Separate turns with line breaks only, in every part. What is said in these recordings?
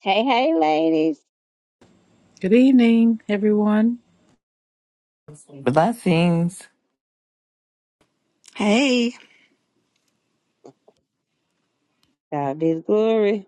Hey, hey, ladies.
Good evening, everyone.
Blessings.
Hey,
God be the glory.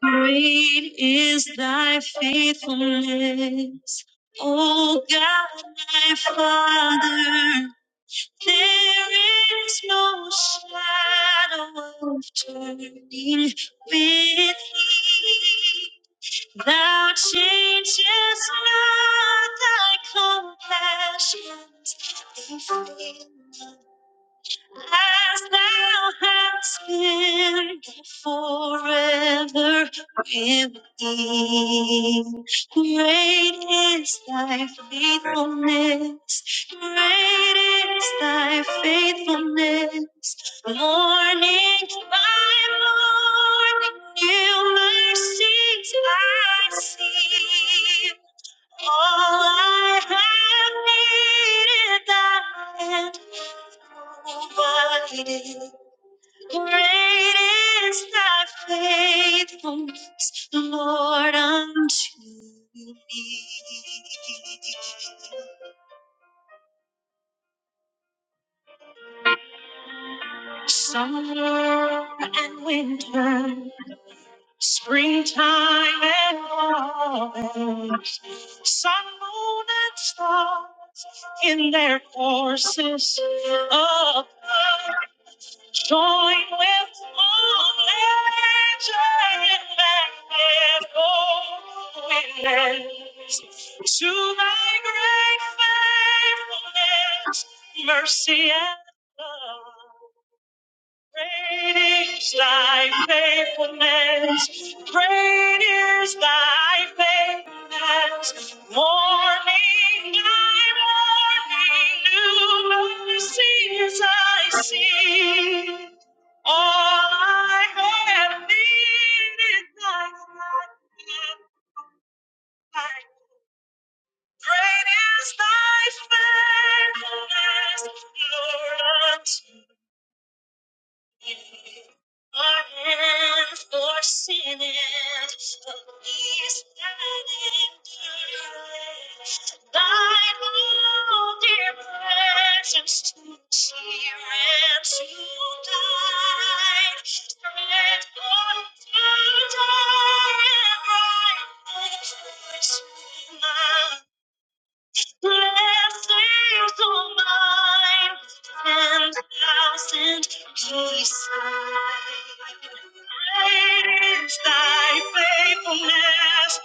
Great is thy faithfulness, O God, my Father. There is no shadow of turning with thee. Thou changest not thy compassions, they fail not. as thou hast been forever with me. Great is thy faithfulness, great is thy faithfulness. Morning by morning, new mercies I see. All I have needed, thy hand provided. Great is thy faithfulness, Lord, unto me. Summer and winter, springtime and autumn, sun, moon, and stars in their courses above, join with one legend and echo witness to thy great faithfulness, mercy and love. Great is thy faithfulness. Great is thy faithfulness. Morning by morning, new mercies I see. All I have needed, thy hand hath provided. Great is thy faithfulness, Lord, unto Our hands For sinners, a peace that endured. Died all their burdens to tear and to die. Spread out a dark and bright new truth to man. Blessings all mine ten thousand beside. Great is thy faithfulness.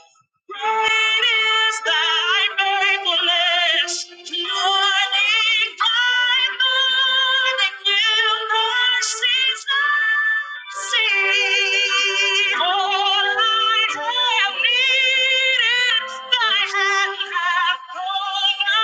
Great is thy faithfulness. Morning by morning, new mercies I see. All I have needed, thy hand hath provided. Lord,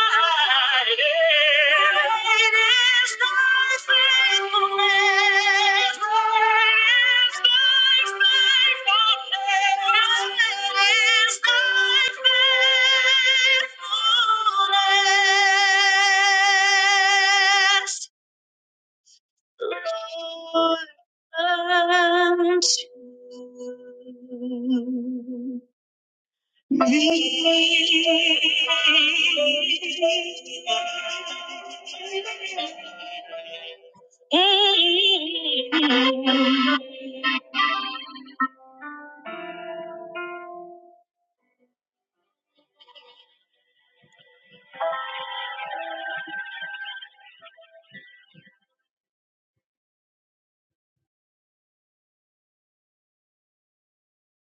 unto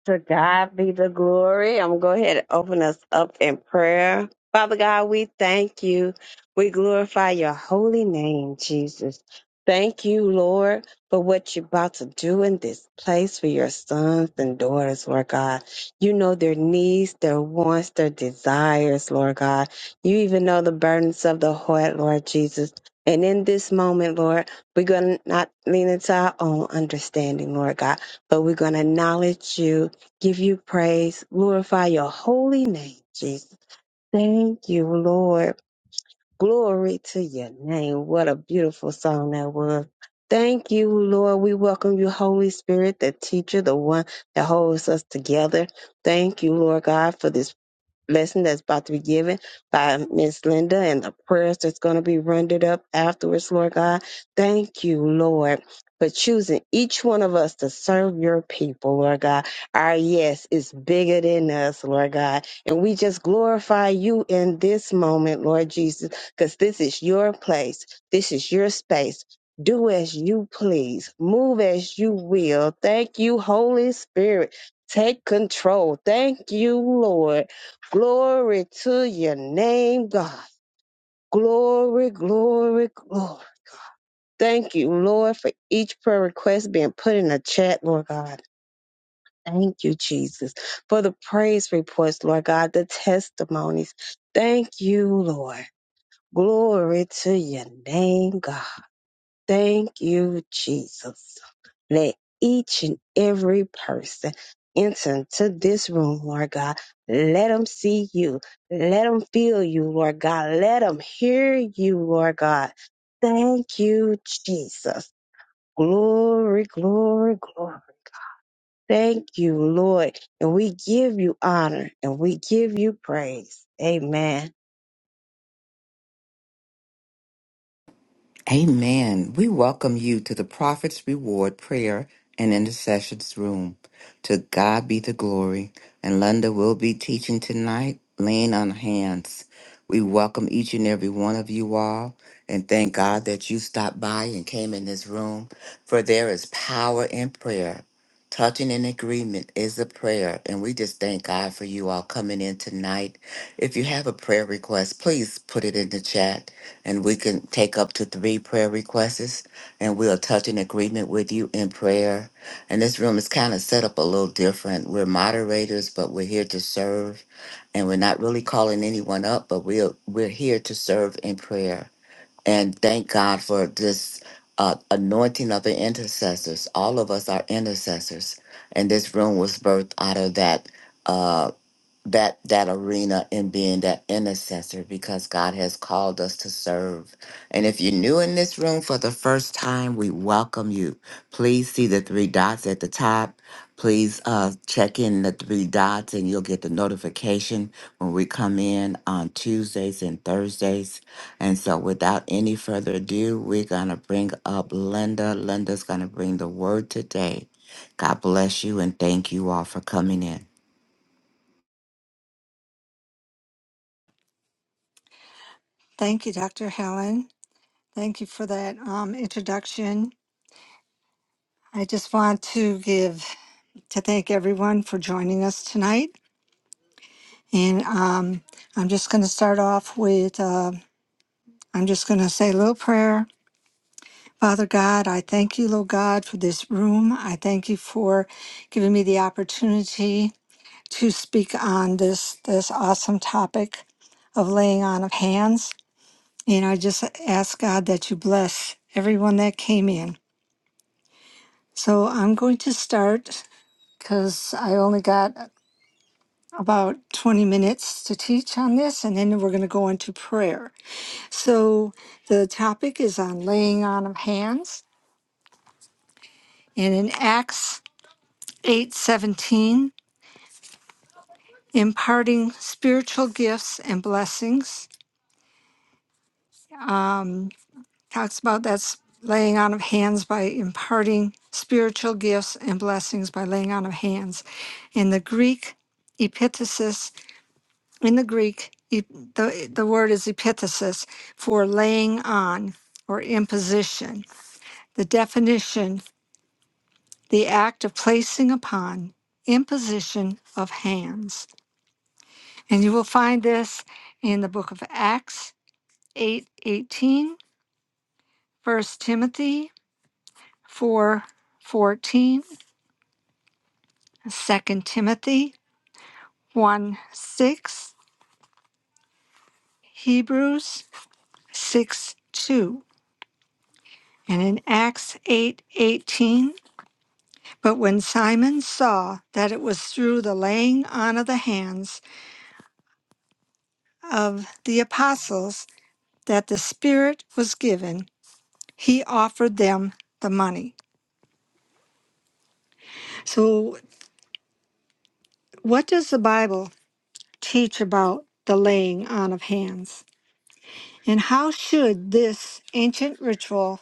To God be the glory. I'm going to go ahead and open us up in prayer. Father God, we thank you. We glorify your holy name, Jesus. Thank you, Lord, for what you're about to do in this place for your sons and daughters, Lord God. You know their needs, their wants, their desires, Lord God. You even know the burdens of the heart, Lord Jesus. And in this moment, Lord, we're going to not lean into our own understanding, Lord God, but we're going to acknowledge you give you praise, glorify your holy name, Jesus. Thank you, Lord. Glory to your name. What a beautiful song that was. Thank you, Lord. We welcome you, Holy Spirit, the teacher, the one that holds us together. Thank you, Lord God, for this lesson that's about to be given by Miss Linda and the prayers that's going to be rendered up afterwards, Lord God. Thank you, Lord. For choosing each one of us to serve your people, Lord God. Our yes is bigger than us, Lord God. And we just glorify you in this moment, Lord Jesus, because this is your place. This is your space. Do as you please. Move as you will. Thank you, Holy Spirit. Take control. Thank you, Lord Glory to your name, God. Glory, glory, glory. Thank you, Lord, for each prayer request being put in the chat, Lord God. Thank you, Jesus, for the praise reports, Lord God, the testimonies. Thank you, Lord. Glory to your name, God. Thank you, Jesus. Let each and every person enter into this room, Lord God. Let them see you. Let them feel you, Lord God. Let them hear you, Lord God. Thank you, Jesus. Glory, glory, glory. Thank you, Lord. And we give you honor and we give you praise. Amen.
Amen. We welcome you to the Prophet's Reward Prayer and Intercessions Room. To God be the glory. And Linda will be teaching tonight, laying on hands. We welcome each and every one of you all and thank God that you stopped by and came in this room, for there is power in prayer. Touching in agreement is a prayer, and we just thank God for you all coming in tonight. If you have a prayer request, please put it in the chat and we can take up to three prayer requests and we'll touch an agreement with you in prayer and this room is kind of set up a little different we're moderators but we're here to serve and we're not really calling anyone up but we're we're here to serve in prayer and thank god for this uh, anointing of the intercessors all of us are intercessors and this room was birthed out of that uh, that that arena and being that intercessor because God has called us to serve. And if you're new in this room for the first time, we welcome you. Please see the three dots at the top. Please uh, check in the three dots and you'll get the notification when we come in on Tuesdays and Thursdays. And so without any further ado, we're going to bring up Linda. Linda's going to bring the word today. God bless you and thank you all for coming in.
thank you, Dr. Helen. Thank you for that um, introduction. I just want to give to thank everyone for joining us tonight. And um, I'm just going to start off with uh, I'm just going to say a little prayer. Father God, I thank you, Lord God, for this room. I thank you for giving me the opportunity to speak on this this awesome topic of laying on of hands. And I just ask God that you bless everyone that came in. So I'm going to start because I only got about 20 minutes to teach on this, and then we're going to go into prayer. So the topic is on laying on of hands, and in Acts 8:17, imparting spiritual gifts and blessings. Um, talks about that's laying on of hands by imparting spiritual gifts and blessings by laying on of hands. In the Greek, epitasis In the Greek, e- the, the word is epithesis for laying on or imposition. The definition, the act of placing upon, imposition of hands. And you will find this in the book of Acts eight eighteen, First Timothy 4 14, Second Timothy 1 6, Hebrews 6 2. And in Acts eight eighteen. But when Simon saw that it was through the laying on of the hands of the apostles that the Spirit was given, he offered them the money. So, what does the Bible teach about the laying on of hands? And how should this ancient ritual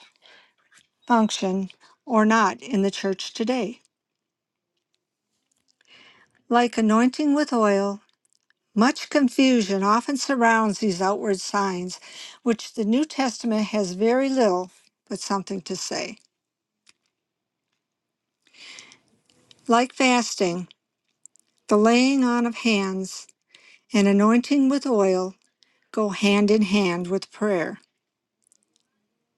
function or not in the church today? Like anointing with oil, Much confusion often surrounds these outward signs, which the New Testament has very little but something to say. Like fasting, the laying on of hands and anointing with oil go hand in hand with prayer.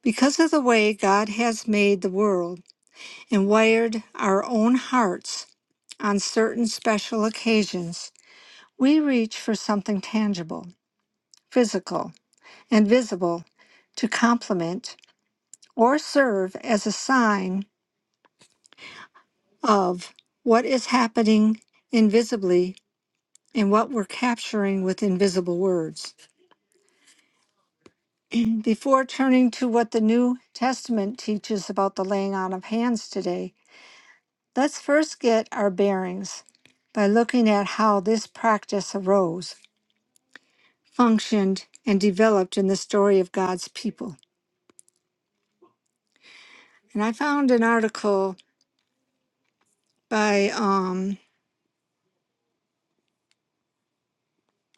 Because of the way God has made the world and wired our own hearts on certain special occasions, we reach for something tangible, physical, and visible to complement or serve as a sign of what is happening invisibly and what we're capturing with invisible words. Before turning to what the New Testament teaches about the laying on of hands today, let's first get our bearings by looking at how this practice arose, functioned, and developed in the story of God's people. And I found an article by um,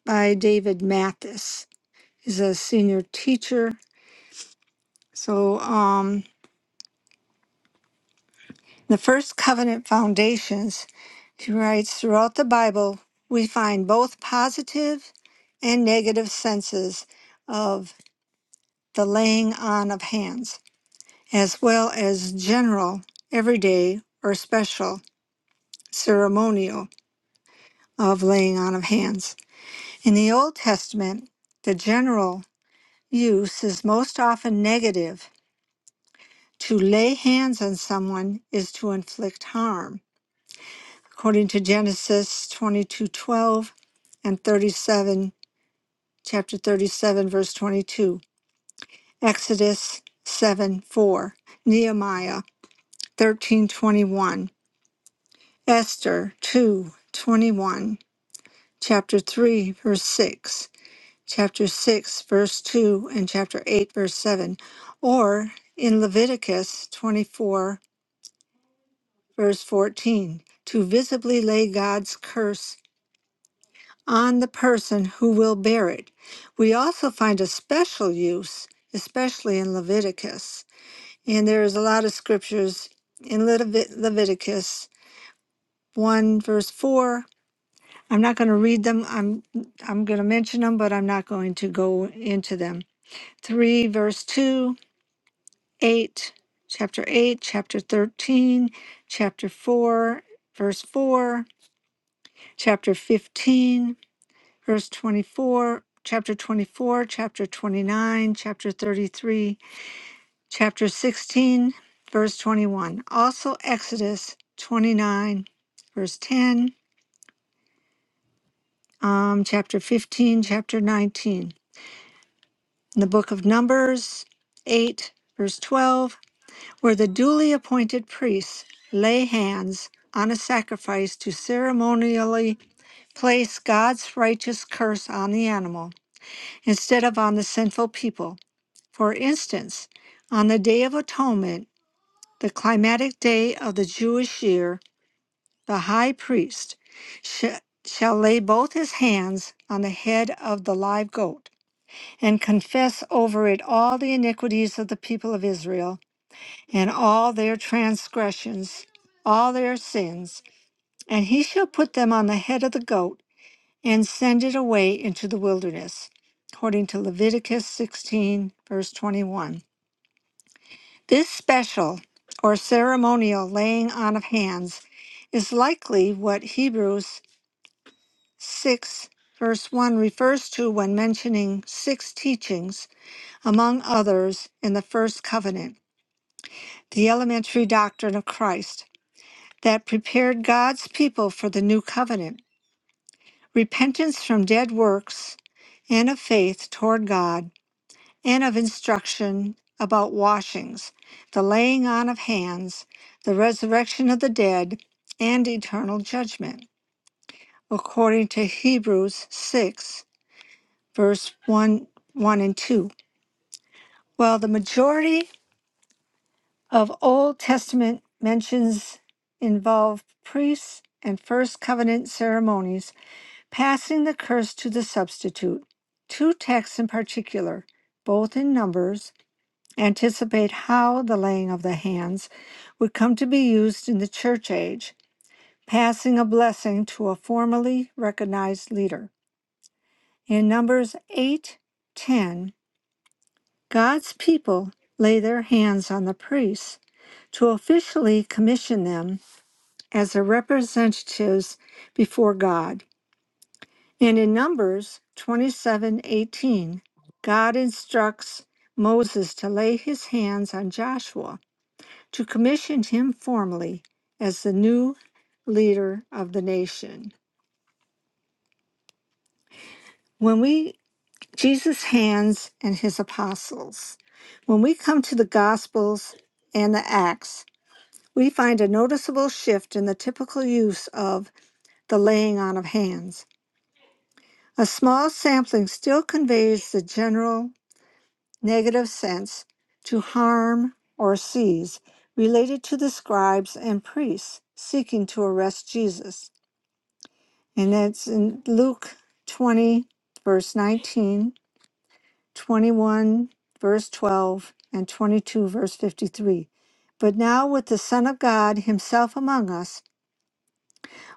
by David Mathis. He's a senior teacher So, um, the first covenant foundations, she writes, throughout the Bible, we find both positive and negative senses of the laying on of hands, as well as general, everyday, or special ceremonial of laying on of hands. In the Old Testament, the general use is most often negative. To lay hands on someone is to inflict harm according to Genesis 22:12 and 37 chapter 37 verse 22 Exodus 7 4 Nehemiah 13:21 Esther 2:21 chapter 3 verse 6 chapter 6 verse 2 and chapter 8 verse 7 or in Leviticus 24 verse 14 to visibly lay God's curse on the person who will bear it. We also find a special use, especially in Leviticus. And there is a lot of scriptures in Levit- Leviticus 1 verse 4. I'm not going to read them. I'm I'm going to mention them, but I'm not going to go into them. 3 verse 2, 8, chapter 8, chapter 13, chapter 4, verse 4, chapter 15 verse 24, chapter 24, chapter 29, chapter 33, chapter 16, verse 21. Also Exodus 29, verse 10, um, chapter 15, chapter 19. In the book of Numbers 8, verse 12, where the duly appointed priests lay hands on a sacrifice to ceremonially place God's righteous curse on the animal instead of on the sinful people For instance, on the Day of Atonement, the climatic day of the Jewish year, the high priest sh- shall lay both his hands on the head of the live goat and confess over it all the iniquities of the people of Israel and all their transgressions, all their sins, and he shall put them on the head of the goat and send it away into the wilderness, according to Leviticus 16, verse 21. This special or ceremonial laying on of hands is likely what Hebrews 6, verse 1 refers to when mentioning six teachings, among others, in the first covenant, the elementary doctrine of Christ, that prepared God's people for the new covenant, repentance from dead works and of faith toward God and of instruction about washings, the laying on of hands, the resurrection of the dead, and eternal judgment, according to Hebrews 6, verse 1, 1 and 2. While the majority of Old Testament mentions involve priests and first covenant ceremonies passing the curse to the substitute, two texts in particular, both in Numbers anticipate how the laying of the hands would come to be used in the church age, passing a blessing to a formally recognized leader. In Numbers 8 10, God's people lay their hands on the priests to officially commission them as their representatives before God. And in Numbers 27 18, God instructs Moses to lay his hands on Joshua to commission him formally as the new leader of the nation. When we, Jesus' hands and his apostles, when we come to the Gospels and the Acts, we find a noticeable shift in the typical use of the laying on of hands. A small sampling still conveys the general negative sense to harm or seize related to the scribes and priests seeking to arrest Jesus. And that's in Luke 20, verse 19, 21 verse 12, and 22, verse 53. But now, with the Son of God Himself among us,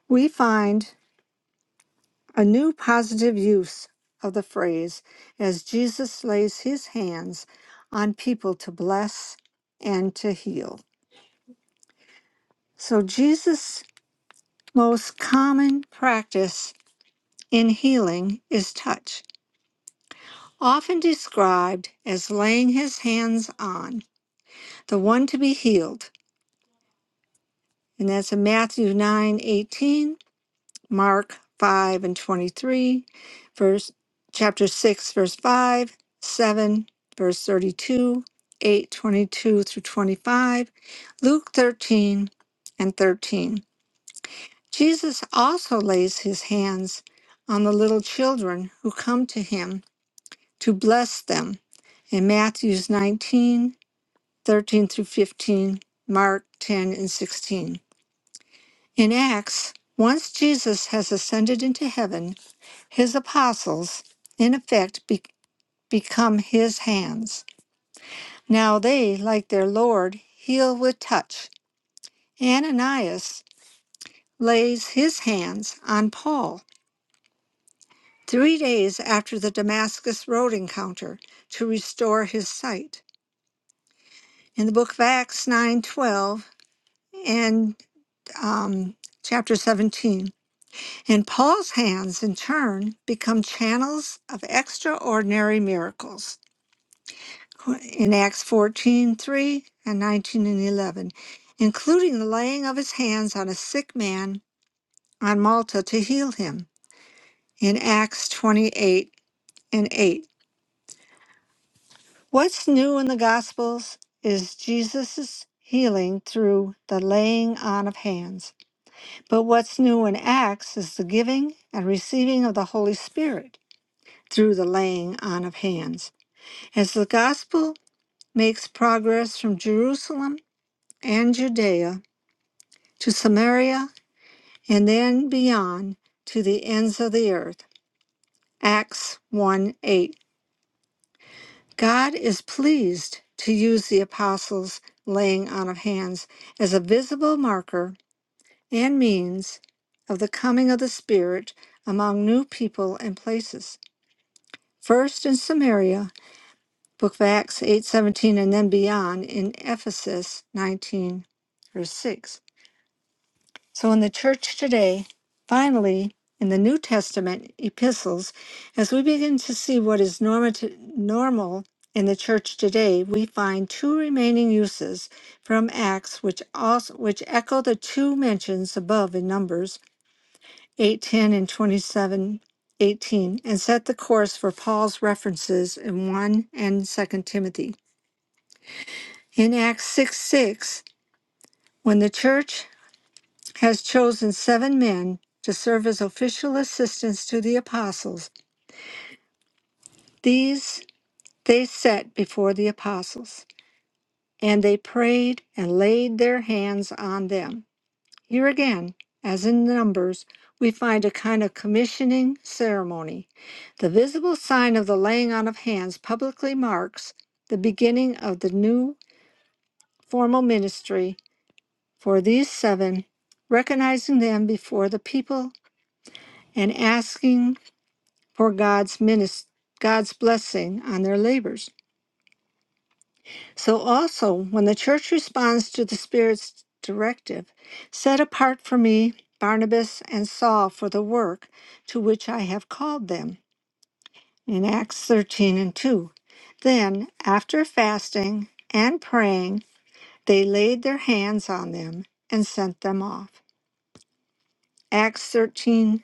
we find a new positive use of the phrase as Jesus lays His hands on people to bless and to heal. So, Jesus' most common practice in healing is touch. often described as laying his hands on the one to be healed. And that's in Matthew 9 18, Mark 5 and 23, verse chapter 6, verse 5, 7, verse 32, 8 22 through 25, Luke 13 and 13. Jesus also lays his hands on the little children who come to him to bless them in Matthews 19 13 through 15, Mark 10 and 16. In Acts, once Jesus has ascended into heaven, his apostles, in effect, be- become his hands. Now they, like their Lord, heal with touch. Ananias lays his hands on Paul three days after the Damascus Road encounter to restore his sight. In the book of Acts 9:12 and um, chapter 17, And Paul's hands, in turn, become channels of extraordinary miracles in Acts 14:3 and 19 and 11, including the laying of his hands on a sick man on Malta to heal him in Acts 28 and 8. What's new in the Gospels is Jesus' healing through the laying on of hands. But what's new in Acts is the giving and receiving of the Holy Spirit. through the laying on of hands. As the gospel makes progress from Jerusalem and Judea to Samaria and then beyond to the ends of the earth. Acts 1 8. God is pleased to use the apostles' laying on of hands as a visible marker and means of the coming of the Spirit among new people and places. First in Samaria, Book of Acts eight seventeen and then beyond in Ephesus 19, verse 6. So in the church today, finally, in the New Testament epistles, as we begin to see what is normative, normal in the church today, we find two remaining uses from Acts which also which echo the two mentions above in Numbers 8:10 and 27:18, and set the course for Paul's references in 1 and 2 Timothy. In Acts 6 6, when the church has chosen seven men to serve as official assistants to the apostles, these they set before the apostles, and they prayed and laid their hands on them. Here again, as in Numbers, we find a kind of commissioning ceremony. The visible sign of the laying on of hands publicly marks the beginning of the new formal ministry for these seven, recognizing them before the people and asking for God's minis- God's blessing on their labors. So also, when the church responds to the Spirit's directive, set apart for me Barnabas and Saul for the work to which I have called them in Acts 13 and 2. Then, after fasting and praying, they laid their hands on them and sent them off. Acts 13:3.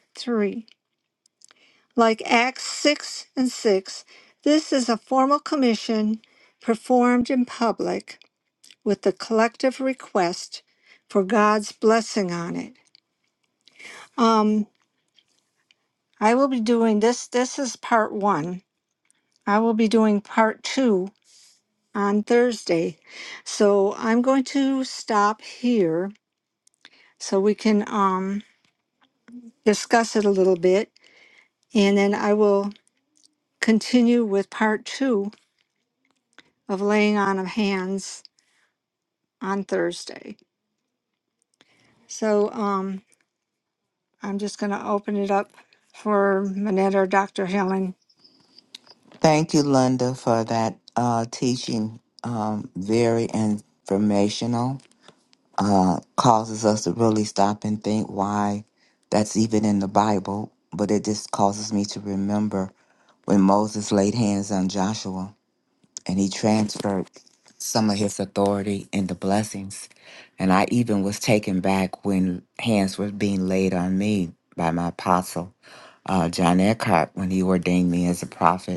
Like Acts 6 and 6, this is a formal commission performed in public with the collective request for God's blessing on it. Um, I will be doing this. This is part one. I will be doing part two on Thursday. So I'm going to stop here so we can um, discuss it a little bit. And then I will continue with part two of laying on of hands on Thursday. So um, I'm just going to open it up for Manette or Dr. Helen.
Thank you, Linda, for that uh, teaching. Um, very informational. Uh, causes us to really stop and think why that's even in the Bible. But it just causes me to remember when Moses laid hands on Joshua and he transferred some of his authority and the blessings. And I even was taken back when hands were being laid on me by my apostle, uh, John Eckhart, when he ordained me as a prophet.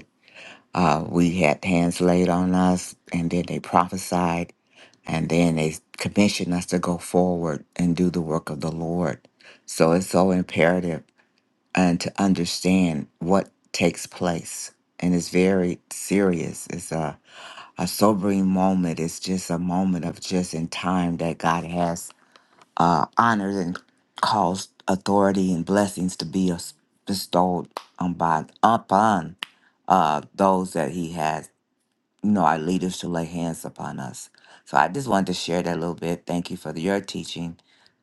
Uh, we had hands laid on us, and then they prophesied, and then they commissioned us to go forward and do the work of the Lord. So it's so imperative and to understand what takes place. And it's very serious. It's a, a sobering moment. It's just a moment of just in time that God has uh, honored and caused authority and blessings to be us- bestowed on by, upon uh, those that He has no, our leaders to lay hands upon us. So I just wanted to share that a little bit. Thank you for your teaching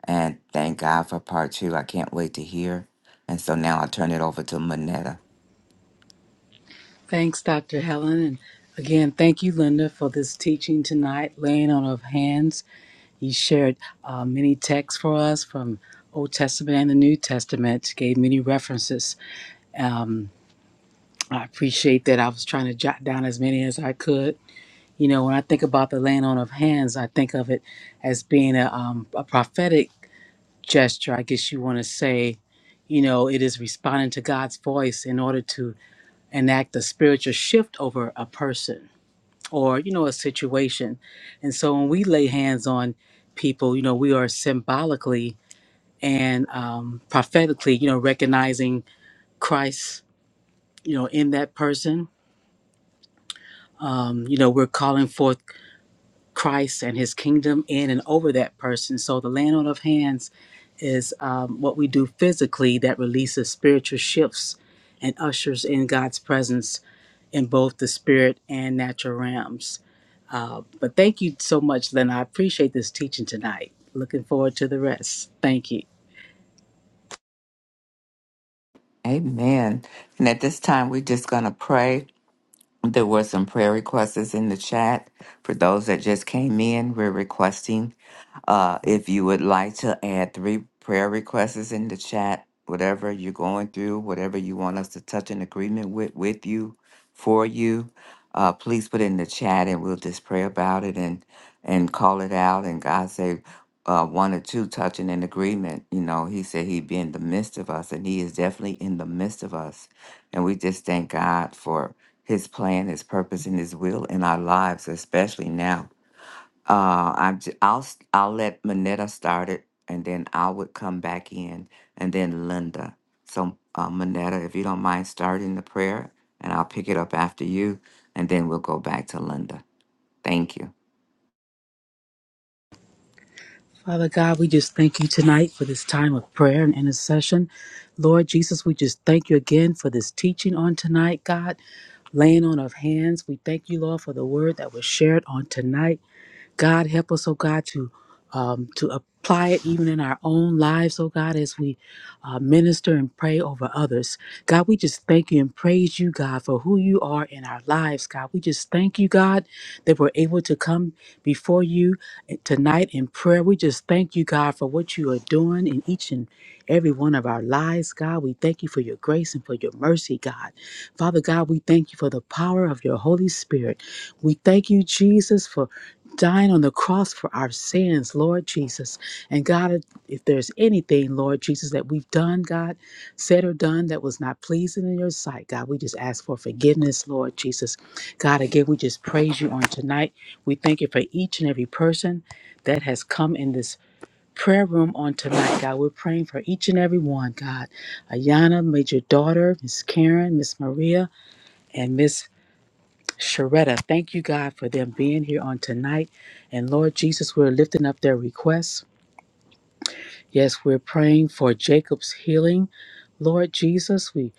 and thank God for part two. I can't wait to hear. And so now I'll turn it over to Manetta.
Thanks, Dr. Helen. And again, thank you, Linda, for this teaching tonight, laying on of hands. You shared uh, many texts for us from Old Testament and the New Testament, gave many references. Um, I appreciate that. I was trying to jot down as many as I could. You know, when I think about the laying on of hands, I think of it as being a, um, a prophetic gesture, I guess you want to say. You know, it is responding to God's voice in order to enact a spiritual shift over a person or you know a situation and so when we lay hands on people you know we are symbolically and um, prophetically you know recognizing christ you know in that person you know we're calling forth christ and his kingdom in and over that person so the laying on of hands is um, what we do physically that releases spiritual shifts and ushers in god's presence in both the spirit and natural realms But thank you so much, Lynn. I appreciate this teaching tonight. Looking forward to the rest. Thank you.
Amen. And at this time, we're just going to pray. There were some prayer requests in the chat. For those that just came in, we're requesting uh, if you would like to add three prayer requests in the chat, whatever you're going through, whatever you want us to touch an agreement with, with you, for you, uh, please put it in the chat and we'll just pray about it and and call it out. And God say uh, one or two touching an agreement. You know, He said He'd be in the midst of us, and He is definitely in the midst of us. And we just thank God for his plan, his purpose, and his will in our lives, especially now. Uh, I'm j- I'll s- I'll let Manetta start it, and then I would come back in, and then Linda. So uh, Manetta, if you don't mind starting the prayer, and I'll pick it up after you, and then we'll go back to Linda. Thank you.
Father God, we just thank you tonight for this time of prayer and intercession. Lord Jesus, we just thank you again for this teaching on tonight, God. Laying on of hands, we thank you, Lord, for the word that was shared on tonight. God, help us, oh God, to um, to apply it even in our own lives, oh God, as we uh, minister and pray over others. God, we just thank you and praise you, God, for who you are in our lives, God. We just thank you, God, that we're able to come before you eh, tonight in prayer. We just thank you, God, for what you are doing in each and every one of our lives, God. We thank you for your grace and for your mercy, God. Father God, we thank you for the power of your Holy Spirit. We thank you, Jesus, for dying on the cross for our sins, Lord Jesus. And God, if there's anything, Lord Jesus, that we've done, God, said or done that was not pleasing in your sight, God, we just ask for forgiveness, Lord Jesus. God, again, we just praise you on tonight. We thank you for each and every person that has come in this prayer room on tonight, God. We're praying for each and every one, God. Ayana, Major Daughter, Miss Karen, Miss Maria, and Miss Sharetta, thank you, God, for them being here on tonight. And Lord Jesus, we're lifting up their requests. Yes, we're praying for Jacob's healing. Lord Jesus, we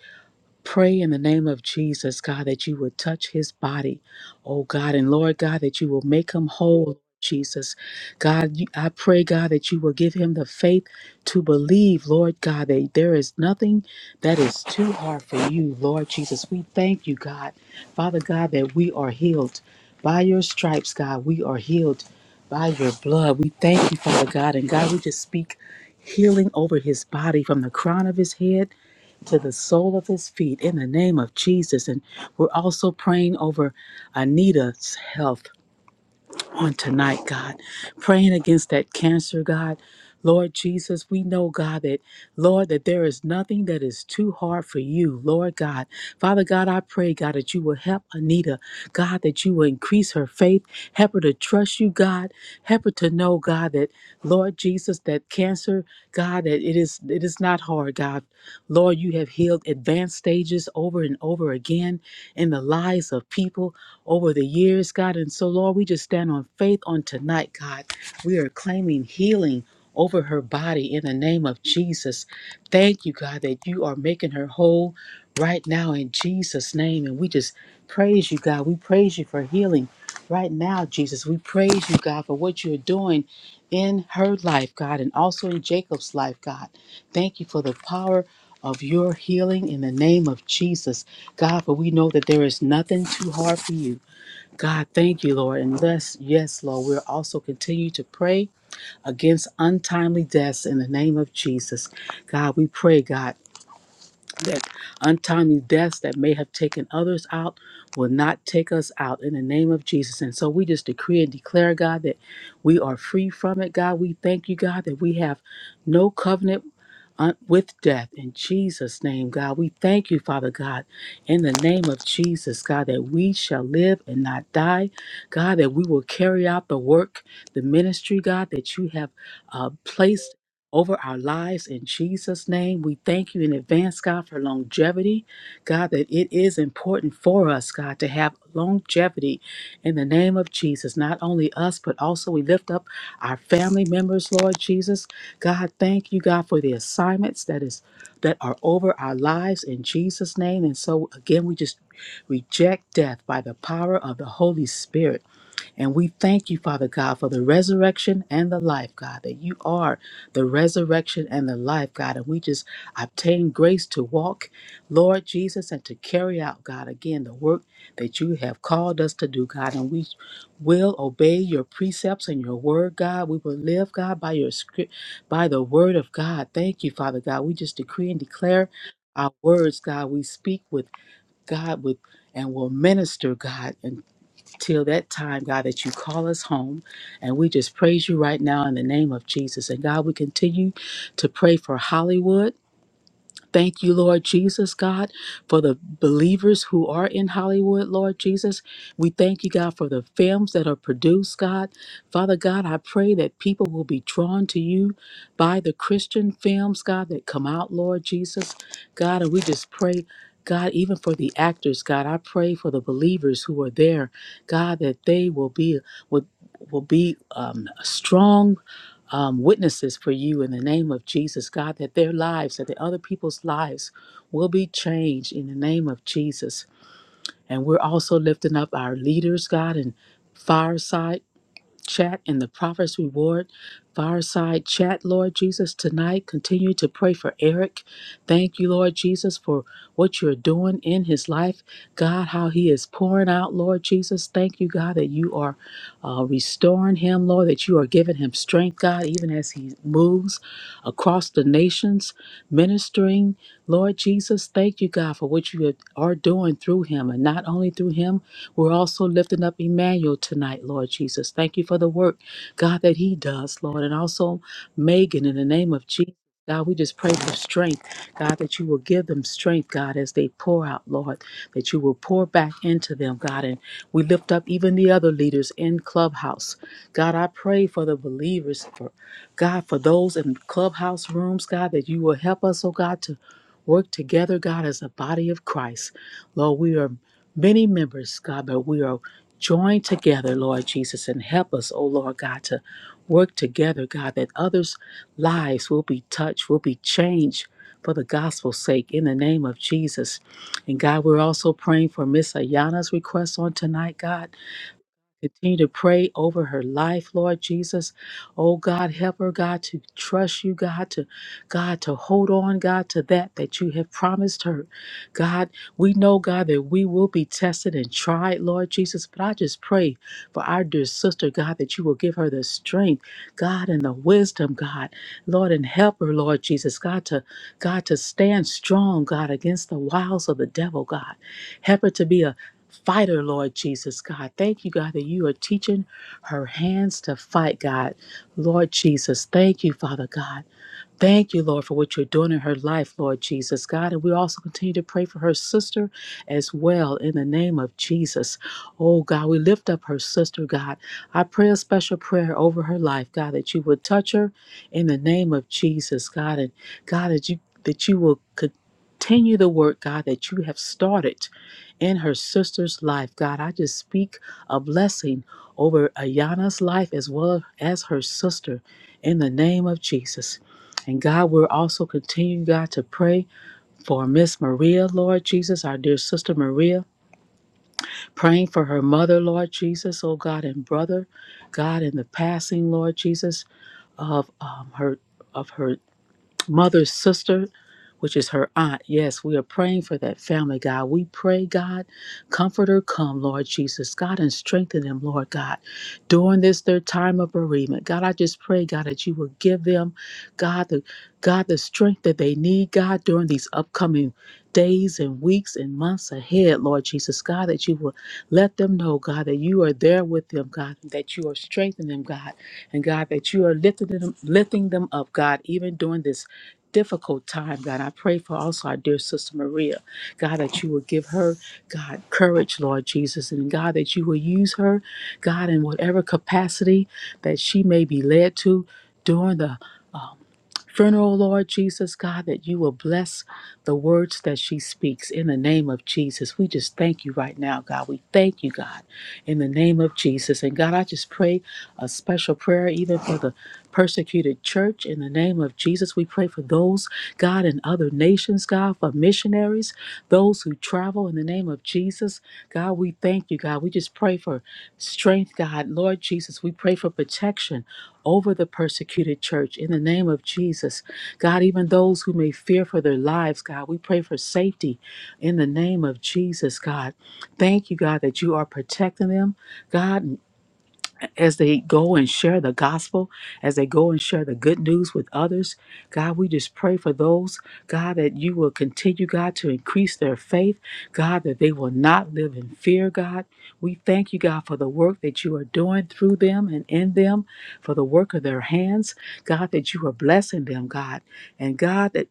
Pray in the name of Jesus, God, that you would touch his body, oh God, and Lord God, that you will make him whole. Jesus, God, you- I pray, God, that you will give him the faith to believe, Lord God, that there is nothing that is too hard for you, Lord Jesus. We thank you, God, Father God, that we are healed by your stripes, God. We are healed by your blood. We thank you, Father God, and God, we just speak healing over his body from the crown of his head to the sole of his feet in the name of Jesus. And we're also praying over Anita's health on tonight, God. Praying against that cancer, God. Lord Jesus, we know, God, that, Lord, that there is nothing that is too hard for you, Lord God. Father God, I pray, God, that you will help Anita, God, that you will increase her faith, help her to trust you, God, help her to know, God, that, Lord Jesus, that cancer, God, that it is, it is not hard, God. Lord, you have healed advanced stages over and over again in the lives of people over the years, God. And so, Lord, we just stand on faith on tonight, God. We are claiming healing over her body in the name of Jesus. Thank you, God, that you are making her whole right now in Jesus' name. And we just praise you, God. We praise you for healing right now, Jesus. We praise you, God, for what you're doing in her life, God, and also in Jacob's life, God. Thank you for the power of your healing in the name of Jesus. God, for we know that there is nothing too hard for you. God, thank you, Lord. And yes, yes, Lord, we'll also continue to pray against untimely deaths in the name of Jesus. God, we pray, God, that untimely deaths that may have taken others out will not take us out in the name of Jesus. And so we just decree and declare, God, that we are free from it. God, we thank you, God, that we have no covenant uh, with death in Jesus' name, God. We thank you, Father God, in the name of Jesus, God, that we shall live and not die, God, that we will carry out the work, the ministry, God, that you have uh, placed. Over our lives in Jesus' name. We thank you in advance, God, for longevity. God, that it is important for us, God, to have longevity in the name of Jesus. Not only us, but also we lift up our family members, Lord Jesus. God, thank you, God, for the assignments that is that are over our lives in Jesus' name. And so again, we just reject death by the power of the Holy Spirit. And we thank you, Father God, for the resurrection and the life, God, that you are the resurrection and the life, God. And we just obtain grace to walk, Lord Jesus, and to carry out, God, again, the work that you have called us to do, God. And we will obey your precepts and your word, God. We will live, God, by your script, by the word of God. Thank you, Father God. We just decree and declare our words, God. We speak with God with and will minister, God, and till that time, God, that you call us home. And we just praise you right now in the name of Jesus. And God, we continue to pray for Hollywood. Thank you, Lord Jesus, God, for the believers who are in Hollywood, Lord Jesus. We thank you, God, for the films that are produced, God. Father God, I pray that people will be drawn to you by the Christian films, God, that come out, Lord Jesus. God, and we just pray. God, even for the actors, God, I pray for the believers who are there, God, that they will be will, will be um, strong um, witnesses for you in the name of Jesus, God, that their lives, that the other people's lives will be changed in the name of Jesus. And we're also lifting up our leaders, God, and fireside chat and the Prophet's Reward fireside chat, Lord Jesus, tonight. Continue to pray for Eric. Thank you, Lord Jesus, for what you're doing in his life. God, how he is pouring out, Lord Jesus. Thank you, God, that you are uh, restoring him, Lord, that you are giving him strength, God, even as he moves across the nations ministering. Lord Jesus, thank you, God, for what you are doing through him. And not only through him, we're also lifting up Emmanuel tonight, Lord Jesus. Thank you for the work, God, that he does, Lord. And also Megan, in the name of Jesus. God, we just pray for strength, God, that you will give them strength, God, as they pour out, Lord, that you will pour back into them, God. And we lift up even the other leaders in Clubhouse. God, I pray for the believers God, for those in clubhouse rooms, God, that you will help us, oh God, to work together, God, as a body of Christ. Lord, we are many members, God, but we are joined together, Lord Jesus, and help us, oh Lord God, to work together, God, that others' lives will be touched, will be changed for the gospel's sake in the name of Jesus. And God, we're also praying for Miss Ayana's request on tonight, God. Continue to pray over her life, Lord Jesus. Oh God, help her, God, to trust you, God, to God, to hold on, God, to that that you have promised her. God, we know, God, that we will be tested and tried, Lord Jesus. But I just pray for our dear sister, God, that you will give her the strength, God, and the wisdom, God, Lord, and help her, Lord Jesus, God, to God, to stand strong, God, against the wiles of the devil, God. Help her to be a fighter, Lord Jesus, God. Thank you, God, that you are teaching her hands to fight, God. Lord Jesus, thank you, Father God. Thank you, Lord, for what you're doing in her life, Lord Jesus, God. And we also continue to pray for her sister as well in the name of Jesus. Oh, God, we lift up her sister, God. I pray a special prayer over her life, God, that you would touch her in the name of Jesus, God. And God, that you, that you will continue the work, God, that you have started in her sister's life, God. I just speak a blessing over Ayana's life as well as her sister in the name of Jesus. And God, we're also continuing, God, to pray for Miss Maria, Lord Jesus, our dear sister Maria, praying for her mother, Lord Jesus, oh God, and brother, God, in the passing, Lord Jesus, of um, her of her mother's sister, which is her aunt. Yes, we are praying for that family, God. We pray, God, comfort her, come, Lord Jesus, God, and strengthen them, Lord God, during this their time of bereavement. God, I just pray, God, that you will give them, God, the God, the strength that they need, God, during these upcoming days and weeks and months ahead, Lord Jesus, God, that you will let them know, God, that you are there with them, God, that you are strengthening them, God, and God, that you are lifting them, lifting them up, God, even during this difficult time, God. I pray for also our dear sister Maria, God, that you will give her, God, courage, Lord Jesus, and God, that you will use her, God, in whatever capacity that she may be led to during the Funeral, Lord Jesus, God, that you will bless the words that she speaks in the name of Jesus. We just thank you right now, God. We thank you, God, in the name of Jesus. And God, I just pray a special prayer even for the persecuted church in the name of Jesus. We pray for those, God, in other nations, God, for missionaries, those who travel in the name of Jesus. God, we thank you, God. We just pray for strength, God. Lord Jesus, we pray for protection over the persecuted church in the name of Jesus. God, even those who may fear for their lives, God, we pray for safety in the name of Jesus, God. Thank you, God, that you are protecting them, God as they go and share the gospel, as they go and share the good news with others. God, we just pray for those, God, that you will continue, God, to increase their faith, God, that they will not live in fear, God. We thank you, God, for the work that you are doing through them and in them, for the work of their hands, God, that you are blessing them, God. And God, that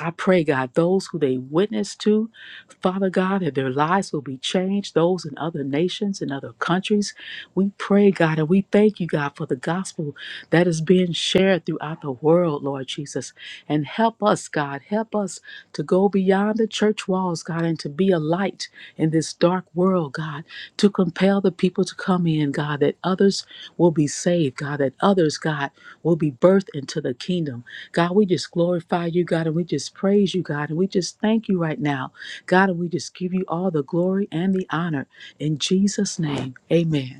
I pray, God, those who they witness to, Father God, that their lives will be changed, those in other nations and other countries. We pray, God, and we thank you, God, for the gospel that is being shared throughout the world, Lord Jesus. And help us, God, help us to go beyond the church walls, God, and to be a light in this dark world, God, to compel the people to come in, God, that others will be saved, God, that others, God, will be birthed into the kingdom. God, we just glorify you, God, and we just praise you, God, and we just thank you right now, God, and we just give you all the glory and the honor. In Jesus' name, amen.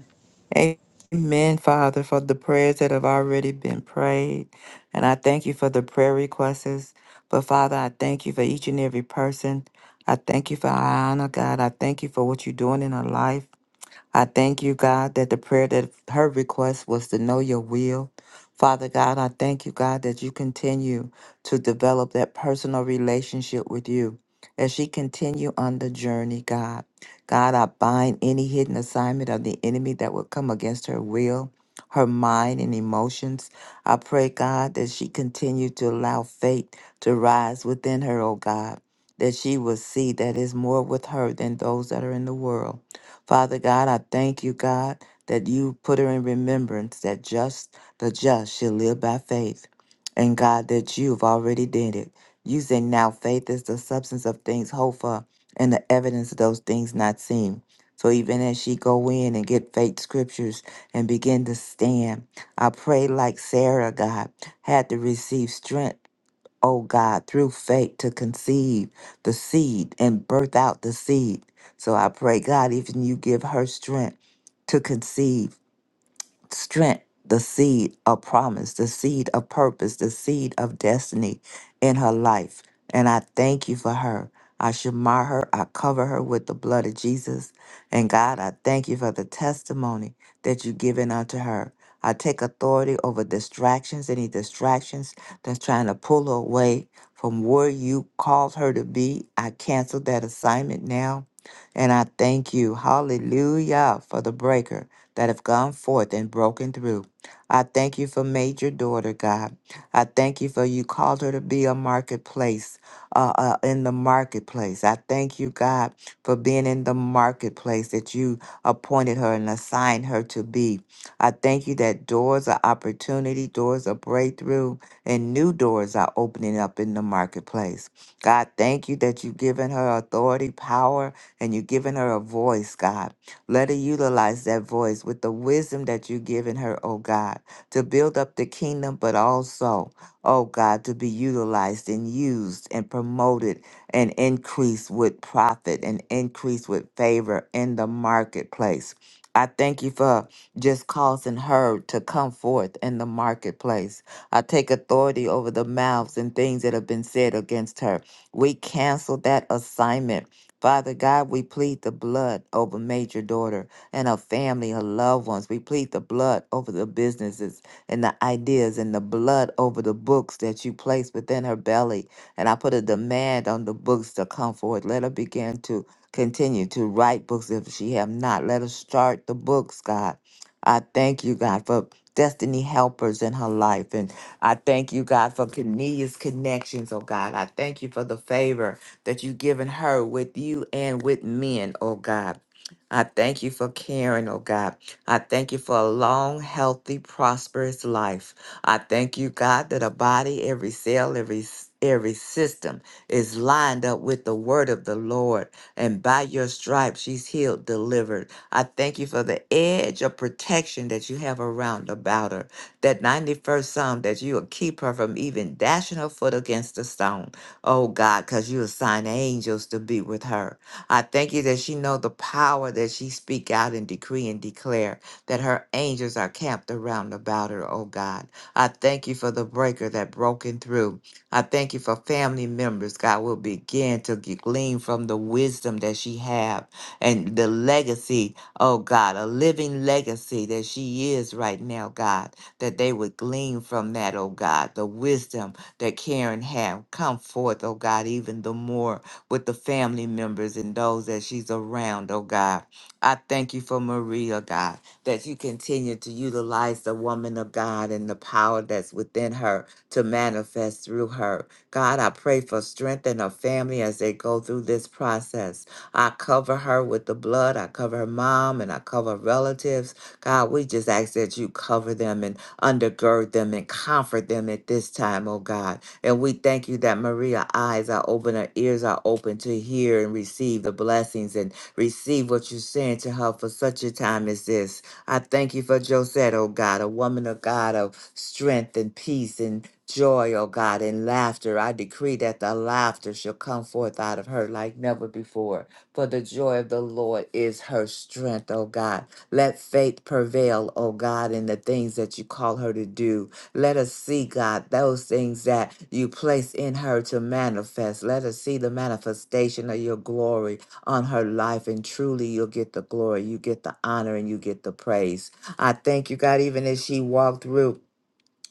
Amen, Father, for the prayers that have already been prayed. And I thank you for the prayer requests. But Father, I thank you for each and every person. I thank you for Ayana, God. I thank you for what you're doing in her life. I thank you, God, that the prayer that her request was to know your will. Father God, I thank you, God, that you continue to develop that personal relationship with you as she continue on the journey, God. God, I bind any hidden assignment of the enemy that would come against her will, her mind, and emotions. I pray, God, that she continue to allow faith to rise within her, oh God, that she will see that is more with her than those that are in the world Father God, I thank you, God, that you put her in remembrance that just the just shall live by faith. And God, that you've already did it. You say now faith is the substance of things hoped for and the evidence of those things not seen. So even as she go in and get faith scriptures and begin to stand, I pray like Sarah, God, had to receive strength O God, through faith to conceive the seed and birth out the seed. So I pray, God, even you give her strength to conceive strength, the seed of promise, the seed of purpose, the seed of destiny in her life. And I thank you for her. I shamar her. I cover her with the blood of Jesus. And God, I thank you for the testimony that you've given unto her. I take authority over distractions, any distractions that's trying to pull her away from where you called her to be. I cancel that assignment now. And I thank you, hallelujah, for the breaker that have gone forth and broken through. I thank you for Major Daughter, God. I thank you for you called her to be a marketplace, uh, uh, in the marketplace. I thank you, God, for being in the marketplace that you appointed her and assigned her to be. I thank you that doors of opportunity, doors of breakthrough, and new doors are opening up in the marketplace. God, thank you that you've given her authority, power, and you've given her a voice, God. Let her utilize that voice with the wisdom that you've given her, oh God, to build up the kingdom, but also, oh God, to be utilized and used and promoted and increased with profit and increased with favor in the marketplace. I thank you for just causing her to come forth in the marketplace. I take authority over the mouths and things that have been said against her. We cancel that assignment Father God, we plead the blood over Major Daughter and her family, her loved ones. We plead the blood over the businesses and the ideas and the blood over the books that you place within her belly. And I put a demand on the books to come forward. Let her begin to continue to write books if she have not. Let her start the books, God. I thank you, God, for destiny helpers in her life. And I thank you, God, for Kenea's connections, oh God. I thank you for the favor that you've given her with you and with men, oh God. I thank you for Karen, oh God. I thank you for a long, healthy, prosperous life. I thank you, God, that a body, every cell, every s- every system is lined up with the word of the Lord. And by your stripes, she's healed, delivered. I thank you for the edge of protection that you have around about her. That 91st Psalm that you will keep her from even dashing her foot against a stone. Oh God, because you assign angels to be with her. I thank you that she know the power that she speak out and decree and declare that her angels are camped around about her, oh God. I thank you for the breaker that broken through. I thank you for family members, God, will begin to g- glean from the wisdom that she have and the legacy, oh God, a living legacy that she is right now, God, that they would glean from that, oh God, the wisdom that Karen have. Come forth, oh God, even the more with the family members and those that she's around, oh God. I thank you for Maria, God, that you continue to utilize the woman of God and the power that's within her to manifest through her. God, I pray for strength in her family as they go through this process. I cover her with the blood. I cover her mom and I cover relatives. God, we just ask that you cover them in undergird them and comfort them at this time, oh God. And we thank you that Maria eyes are open, her ears are open to hear and receive the blessings and receive what you're saying to her for such a time as this. I thank you for Josette, oh God, a woman of God of strength and peace and joy, oh God, and laughter. I decree that the laughter shall come forth out of her like never before. For the joy of the Lord is her strength, oh God. Let faith prevail, oh God, in the things that you call her to do. Let us see, God, those things that you place in her to manifest. Let us see the manifestation of your glory on her life. And truly, you'll get the glory, you get the honor, and you get the praise. I thank you, God, even as she walked through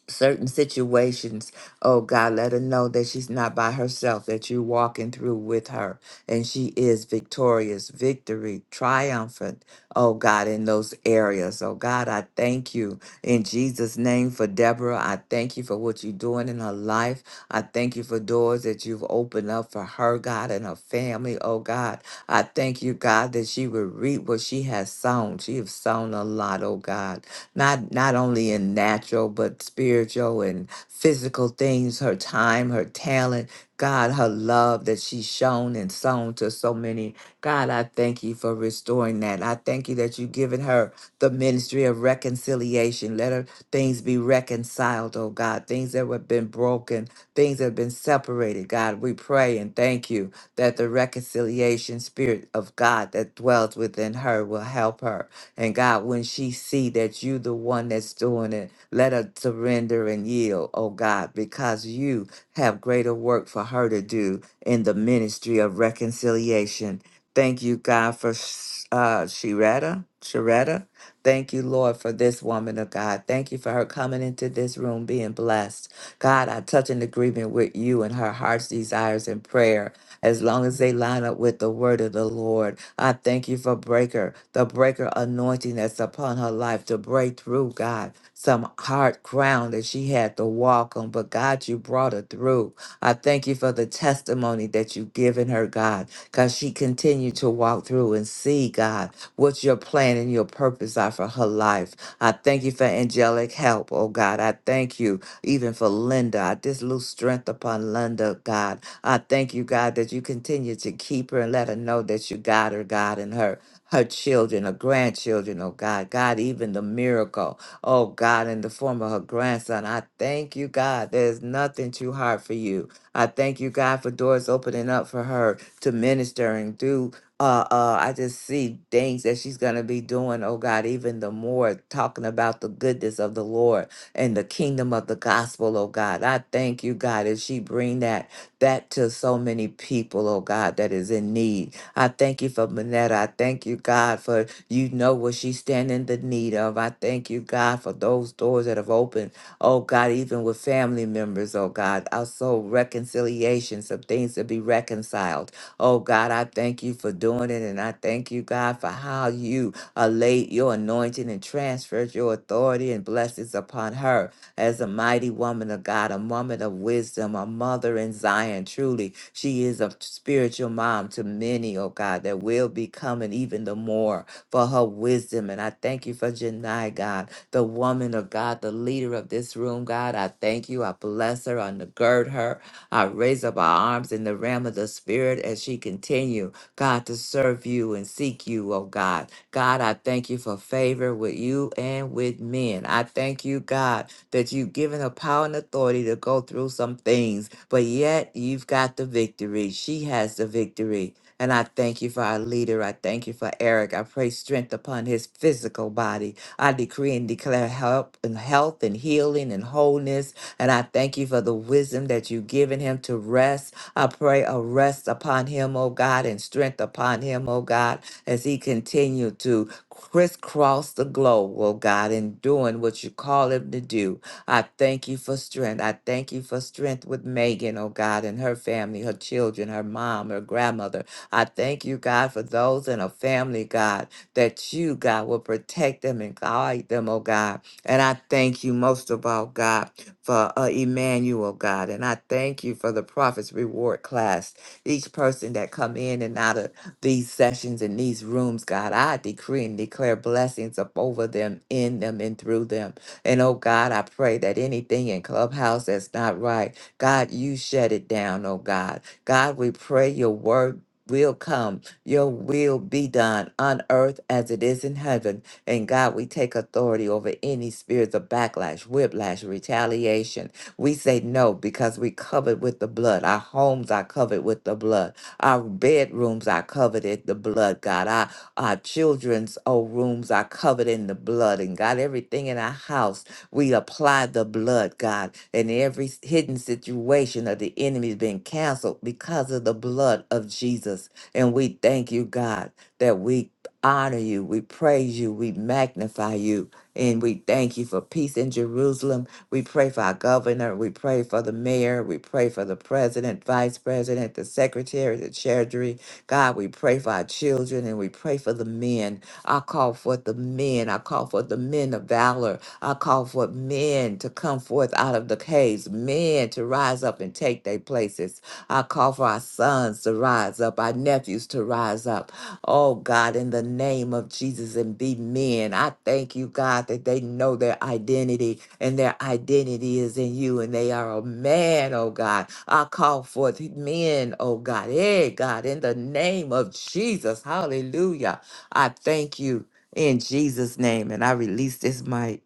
certain situations, oh God, let her know that she's not by herself, that you're walking through with her, and she is victorious, victory, triumphant, oh God, in those areas. Oh God, I thank you in Jesus' name for Deborah. I thank you for what you're doing in her life. I thank you for doors that you've opened up for her, God, and her family, oh God. I thank you, God, that she will reap what she has sown. She has sown a lot, oh God not not only in natural but spiritual and physical things, her time, her talent, God, her love that she's shown and sown to so many. God, I thank you for restoring that. I thank you that you've given her the ministry of reconciliation. Let her things be reconciled, oh God. Things that have been broken, things that have been separated. God, we pray and thank you that the reconciliation spirit of God that dwells within her will help her. And God, when she see that you the one that's doing it, let her surrender and yield, oh God, because you have greater work for her to do in the ministry of reconciliation. Thank you, God, for Sh- uh, Sharetta. Sharetta, thank you, Lord, for this woman of God. Thank you for her coming into this room being blessed. God, I touch an agreement with you and her heart's desires and prayer as long as they line up with the word of the Lord. I thank you for breaker, the breaker anointing that's upon her life to break through, God, some hard ground that she had to walk on, but God, you brought her through. I thank you for the testimony that you've given her, God, because she continued to walk through and see, God, what your plan and your purpose are for her life. I thank you for angelic help, oh God. I thank you even for Linda. I just lose strength upon Linda, God I thank you, God, that you continue to keep her and let her know that you got her, God, and her her children, her grandchildren, oh God, God, even the miracle, oh God, in the form of her grandson. I thank you, God. There's nothing too hard for you. I thank you, God, for doors opening up for her to minister and do. Uh, uh, I just see things that she's gonna be doing, oh God, even the more talking about the goodness of the Lord and the kingdom of the gospel, oh God. I thank you, God, as she bring that that to so many people, oh God, that is in need. I thank you for Manetta. I thank you, God, for you know what she's standing in the need of. I thank you, God, for those doors that have opened, oh God, even with family members, oh God. Also, reconciliations of things to be reconciled. Oh God, I thank you for doing it. And I thank you, God, for how you allayed your anointing and transferred your authority and blessings upon her as a mighty woman of God, a woman of wisdom, a mother in Zion. Truly, she is a spiritual mom to many, oh God, that will be coming even the more for her wisdom. And I thank you for Janai, God, the woman of God, the leader of this room, God. I thank you. I bless her. I gird her. I raise up our arms in the realm of the spirit as she continue, God, to serve you and seek you, oh God. God, I thank you for favor with you and with men. I thank you, God, that you've given her power and authority to go through some things, but yet you've got the victory. She has the victory. And I thank you for our leader. I thank you for Eric. I pray strength upon his physical body. I decree and declare help and health and healing and wholeness. And I thank you for the wisdom that you've given him to rest. I pray a rest upon him, oh God, and strength upon him, oh God, as he continue to crisscross the globe, oh God, and doing what you call him to do. I thank you for strength. I thank you for strength with Megan, oh God, and her family, her children, her mom, her grandmother. I thank you, God, for those in her family, God, that you, God, will protect them and guide them, oh God. And I thank you most of all, God, for uh, Emmanuel, God. And I thank you for the prophet's reward class. Each person that come in and out of these sessions in these rooms, God, I decree and declare blessings up over them, in them, and through them. And oh God, I pray that anything in Clubhouse that's not right, God, you shut it down, oh God. God, we pray your word will come, your will be done on earth as it is in heaven. And God, we take authority over any spirits of backlash, whiplash, retaliation. We say no because we covered with the blood. Our homes are covered with the blood. Our bedrooms are covered in the blood, God. Our children's oh, rooms are covered in the blood. And God, everything in our house, we apply the blood, God. And every s- hidden situation of the enemy has been canceled because of the blood of Jesus. And we thank you, God, that we honor you, we praise you, we magnify you. And we thank you for peace in Jerusalem. We pray for our governor. We pray for the mayor. We pray for the president, vice president, the secretary, the treasury. God, we pray for our children and we pray for the men. I call forth the men. I call forth the men of valor. I call forth men to come forth out of the caves, men to rise up and take their places. I call for our sons to rise up, our nephews to rise up. Oh God, in the name of Jesus and be men. I thank you, God, that they know their identity and their identity is in you and they are a man, oh God. I call forth men, oh God. Hey, God, in the name of Jesus. Hallelujah. I thank you in Jesus' name and I release this mic.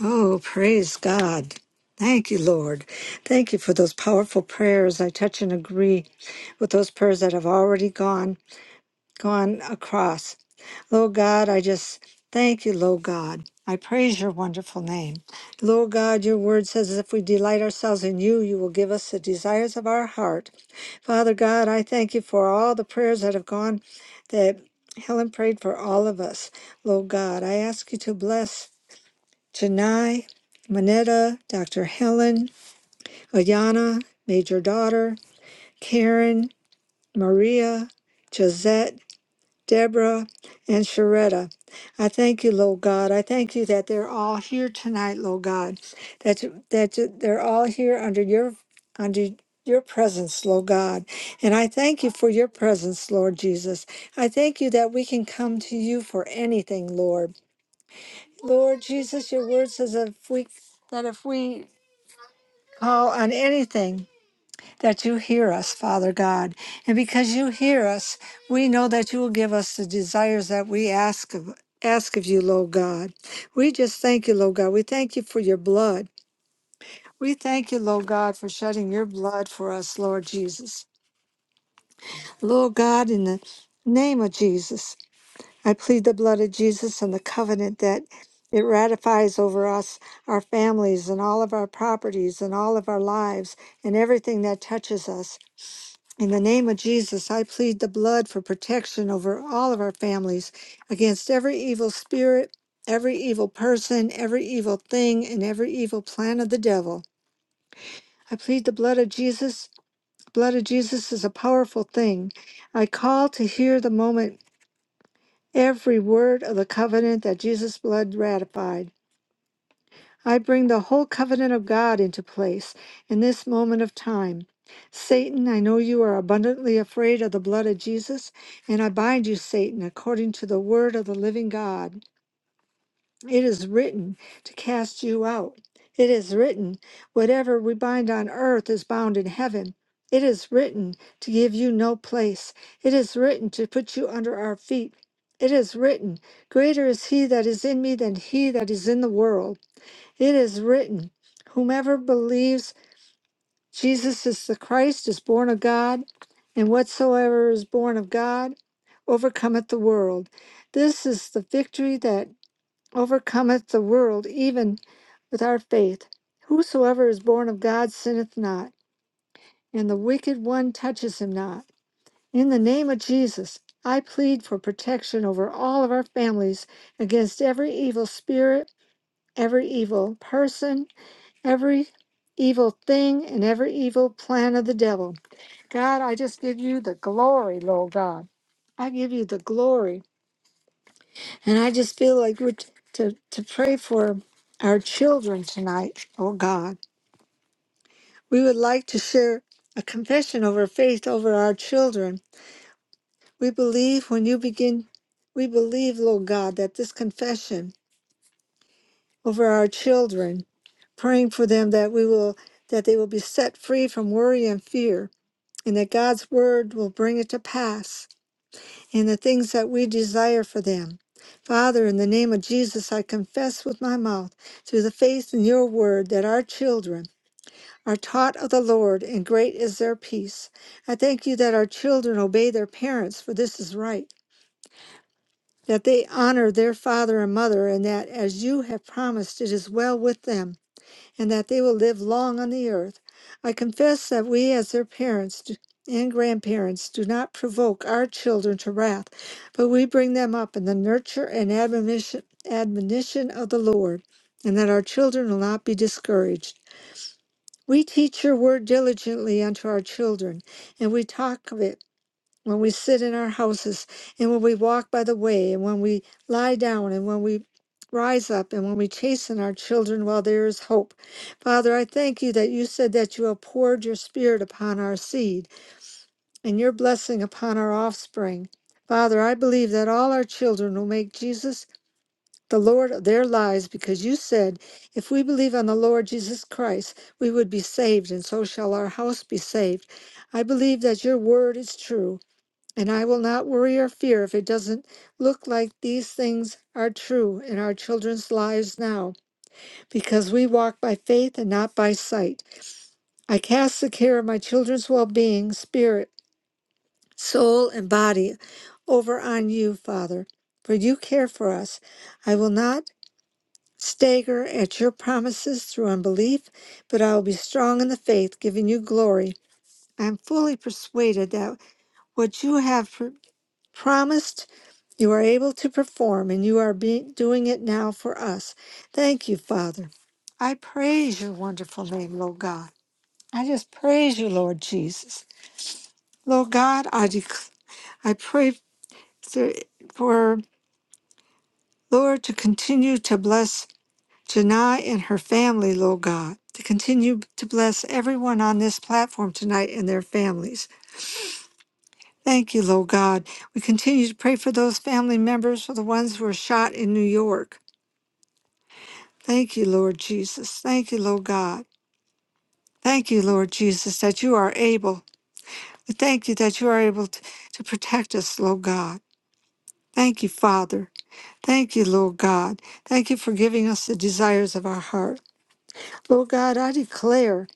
Oh, praise God. Thank you, Lord. Thank you for those powerful prayers. I touch and agree with those prayers that have already gone gone across. Lord God, I just thank you, Lord God. I praise your wonderful name. Lord God, your word says if we delight ourselves in you, you will give us the desires of our heart. Father God, I thank you for all the prayers that have gone that Helen prayed for all of us. Lord God, I ask you to bless Janai, Manetta, Dr. Helen, Ayana, Major Daughter, Karen, Maria, Josette. Deborah, and Sharetta. I thank you, Lord God. I thank you that they're all here tonight, Lord God. That that they're all here under your under your presence, Lord God. And I thank you for your presence, Lord Jesus. I thank you that we can come to you for anything, Lord. Lord Jesus, your word says that if we that if we call on anything that you hear us, Father God. And because you hear us, we know that you will give us the desires that we ask of ask of you, Lord God. We just thank you, Lord God. We thank you for your blood. We thank you, Lord God, for shedding your blood for us, Lord Jesus. Lord God, in the name of Jesus, I plead the blood of Jesus and the covenant that it ratifies over us, our families, and all of our properties, and all of our lives, and everything that touches us. In the name of Jesus, I plead the blood for protection over all of our families against every evil spirit, every evil person, every evil thing, and every evil plan of the devil. I plead the blood of Jesus. The blood of Jesus is a powerful thing. I call to hear the moment every word of the covenant that Jesus' blood ratified. I bring the whole covenant of God into place in this moment of time. Satan, I know you are abundantly afraid of the blood of Jesus, and I bind you, Satan, according to the word of the living God. It is written to cast you out. It is written, whatever we bind on earth is bound in heaven. It is written to give you no place. It is written to put you under our feet. It is written, Greater is he that is in me than he that is in the world. It is written, Whomever believes Jesus is the Christ is born of God, and whatsoever is born of God overcometh the world. This is the victory that overcometh the world, even with our faith. Whosoever is born of God sinneth not, and the wicked one touches him not. In the name of Jesus, I plead for protection over all of our families against every evil spirit, every evil person, every evil thing and every evil plan of the devil. God, I just give you the glory, Lord God. I give you the glory. And I just feel like we're t- to, to pray for our children tonight, oh God. We would like to share a confession over faith over our children. We believe when you begin, we believe, Lord God, that this confession over our children, praying for them that we will, that they will be set free from worry and fear and that God's word will bring it to pass and the things that we desire for them. Father, in the name of Jesus, I confess with my mouth through the faith in your word that our children are taught of the Lord, and great is their peace. I thank you that our children obey their parents, for this is right. That they honor their father and mother, and that as you have promised, it is well with them and that they will live long on the earth. I confess that we, as their parents do- and grandparents, do not provoke our children to wrath, but we bring them up in the nurture and admonition, admonition of the Lord, and that our children will not be discouraged. We teach your word diligently unto our children, and we talk of it when we sit in our houses and when we walk by the way and when we lie down and when we rise up and when we chasten our children while there is hope. Father, I thank you that you said that you have poured your spirit upon our seed and your blessing upon our offspring. Father, I believe that all our children will make Jesus the Lord of their lives because you said, if we believe on the Lord Jesus Christ, we would be saved, and so shall our house be saved. I believe that your word is true and I will not worry or fear if it doesn't look like these things are true in our children's lives now, because we walk by faith and not by sight. I cast the care of my children's well being, spirit, soul, and body over on you, Father, for you care for us. I will not stagger at your promises through unbelief, but I will be strong in the faith, giving you glory. I am fully persuaded that what you have pr- promised You are able to perform, and you are be- doing it now for us. Thank you, Father. I praise your wonderful name, Lord God. I just praise you, Lord Jesus. Lord God, I, dec- I pray for, for, Lord, to continue to bless Janai and her family, Lord God, to continue to bless everyone on this platform tonight and their families. Thank you, Lord God. We continue to pray for those family members, for the ones who were shot in New York. Thank you, Lord Jesus. Thank you, Lord God. Thank you, Lord Jesus, that you are able. Thank you that you are able to, to protect us, Lord God. Thank you, Father. Thank you, Lord God. Thank you for giving us the desires of our heart. Lord God, I declare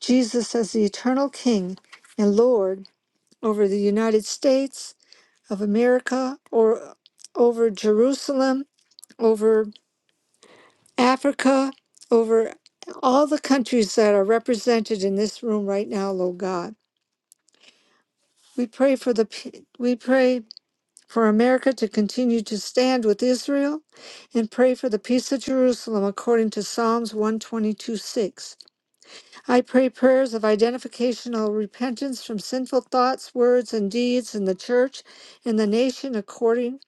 Jesus as the eternal King and Lord over the United States of America or over Jerusalem, over. Africa, over all the countries that are represented in this room right now, Lord God. We pray for the pe- we pray for America to continue to stand with Israel and pray for the peace of Jerusalem according to Psalms one twenty two six. I pray prayers of identificational repentance from sinful thoughts, words, and deeds in the church and the nation according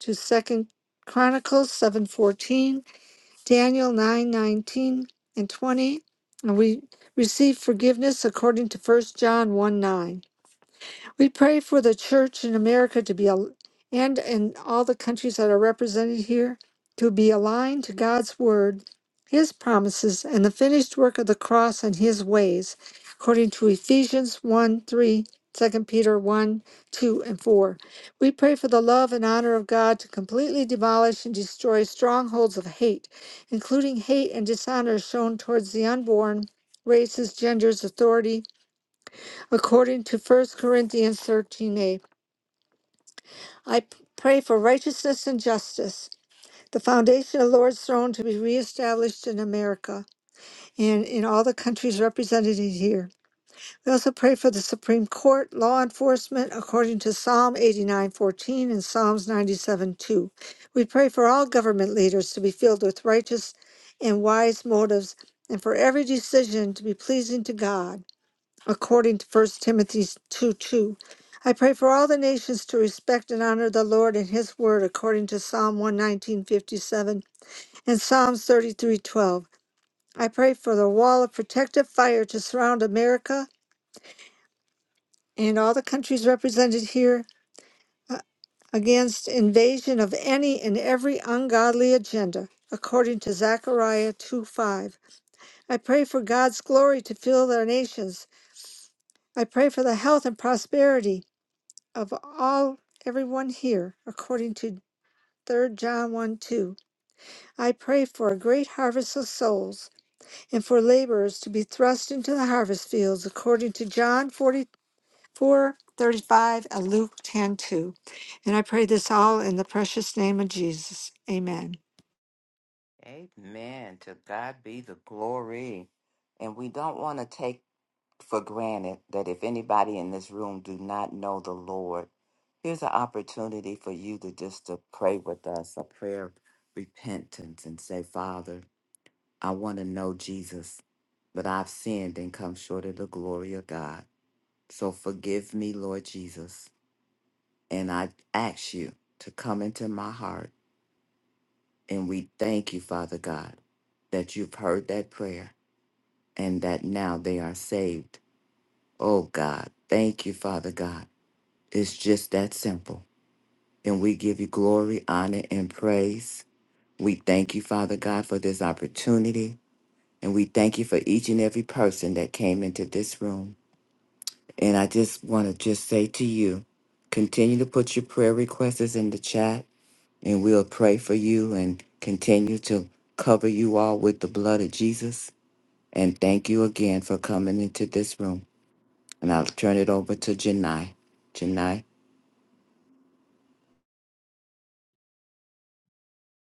to Second Chronicles 7:14 Daniel 9 19 and 20. And we receive forgiveness according to First John 1 9. We pray for the church in America to be, al- and in all the countries that are represented here, to be aligned to God's word, his promises, and the finished work of the cross and his ways, according to Ephesians 1 3, two Peter 1 2, and 4. We pray for the love and honor of God to completely demolish and destroy strongholds of hate, including hate and dishonor shown towards the unborn, races, genders, authority according to First Corinthians 13:8. I p- pray for righteousness and justice, the foundation of the Lord's throne to be reestablished in America and in all the countries represented here. We also pray for the Supreme Court, law enforcement, according to Psalm 89:14 and Psalms ninety seven two, We pray for all government leaders to be filled with righteous and wise motives, and for every decision to be pleasing to God. according to First Timothy 2 2. I pray for all the nations to respect and honor the Lord and his word according to Psalm 119.57 and Psalms 33.12. I pray for the wall of protective fire to surround America and all the countries represented here uh, against invasion of any and every ungodly agenda according to Zechariah two five, I pray for God's glory to fill their nations. I pray for the health and prosperity of all everyone here according to 3 John 1 2. I pray for a great harvest of souls and for laborers to be thrust into the harvest fields according to John 44:35 and Luke ten two. And I pray this all in the precious name of Jesus. Amen.
Amen. To God be the glory. And we don't want to take for granted that if anybody in this room do not know the Lord, here's an opportunity for you to just to pray with us a prayer of repentance and say, Father, I want to know Jesus, but I've sinned and come short of the glory of God. So forgive me, Lord Jesus, and I ask you to come into my heart. And we thank you, Father God, that you've heard that prayer and that now they are saved. Oh God, thank you, Father God It's just that simple. And we give you glory, honor, and praise. We thank you, Father God, for this opportunity. And we thank you for each and every person that came into this room. And I just want to just say to you, continue to put your prayer requests in the chat, and we'll pray for you and continue to cover you all with the blood of Jesus. And thank you again for coming into this room. And I'll turn it over to Janai. Janai.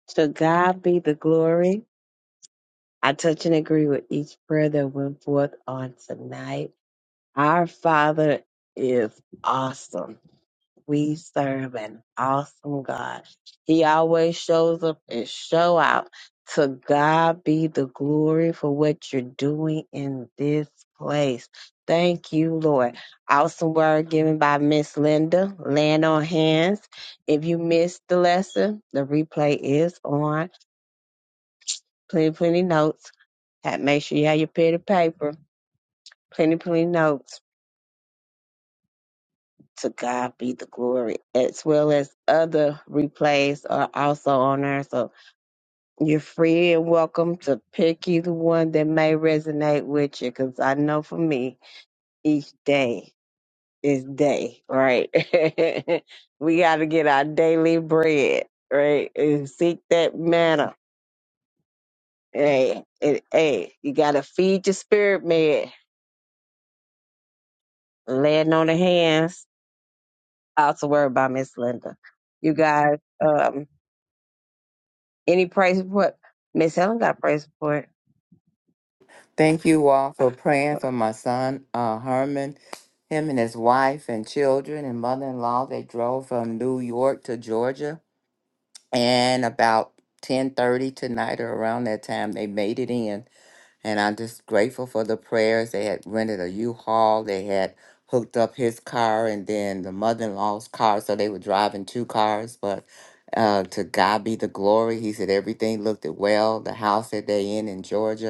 To God be the glory. I touch and agree with each prayer that went forth on tonight. Our Father is awesome. We serve an awesome God. He always shows up and show out. To God be the glory for what you're doing in this place. Thank you, Lord. Awesome word given by Miss Linda. Land on hands. If you missed the lesson, the replay is on. Plenty, plenty notes. Ha- Make sure you have your pen and paper. Plenty, plenty notes To God be the glory, as well as other replays are also on there. So you're free and welcome to pick either one that may resonate with you. Because I know for me, each day is day, right? we got to get our daily bread, right? And seek that manna. Hey, it, hey, you got to feed your spirit, man. Laying on the hands. Also worried about Miss Linda. You guys. um. Any praise report? Miss Helen got a praise report.
Thank you all for praying for my son, uh, Herman, him and his wife and children and mother-in-law. They drove from New York to Georgia, and about ten thirty tonight or around that time, they made it in. And I'm just grateful for the prayers. They had rented a U-Haul. They had hooked up his car and then the mother-in-law's car, so they were driving two cars. But uh, to God be the glory. He said everything looked well. The house that they in in Georgia.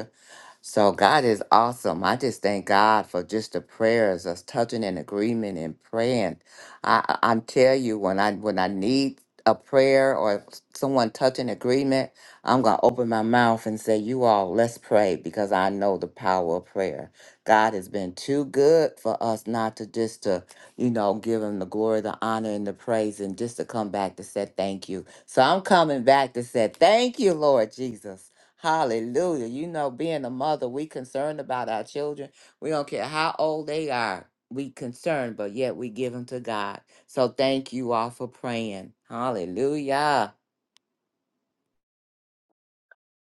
So God is awesome. I just thank God for just the prayers, us touching in agreement and praying. I I- I'm tell you when I when I need a prayer or someone touching agreement, I'm gonna open my mouth and say, "You all, let's pray," because I know the power of prayer. God has been too good for us not to just to you know give Him the glory, the honor, and the praise, and just to come back to say thank you. So I'm coming back to say thank you, Lord Jesus. Hallelujah. You know, being a mother, we concerned about our children. We don't care how old they are. We concerned, but yet we give them to God. So thank you all for praying. Hallelujah.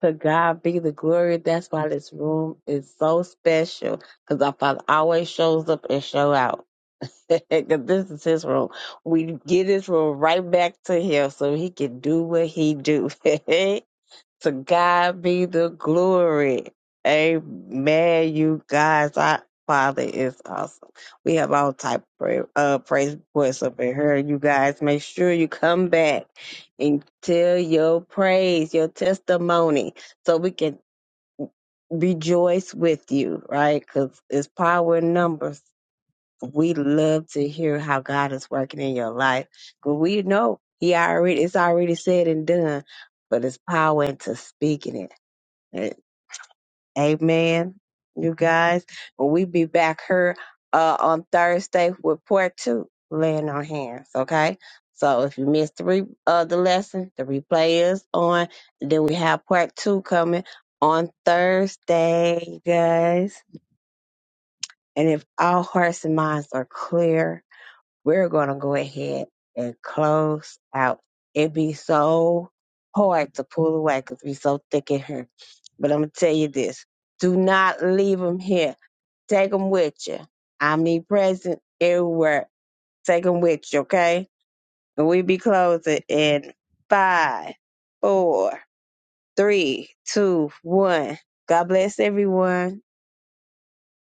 To God be the glory. That's why this room is so special. Because our Father always shows up and show out. 'Cause this is his room. We get his room right back to him so he can do what he do. to God be the glory. Amen. You guys, our Father is awesome. We have all type of prayer, uh, praise reports up in here. You guys, make sure you come back and tell your praise, your testimony, so we can rejoice with you, right? Because it's power in numbers we love to hear how God is working in your life. But we know He already it's already said and done, but it's power into speaking it. Eh, Amen. You guys. When we be back here uh on Thursday with part two, laying on hands, okay? So if you missed three uh the lesson, the replay is on. Then we have part two coming on Thursday, you guys. And if all hearts and minds are clear, we're gonna go ahead and close out. It'd be so hard to pull away because we so thick in here. But I'm gonna tell you this: do not leave them here. Take them with you. Omnipresent everywhere. Take them with you, okay? And we be closing in five, four, three, two, one. God bless everyone.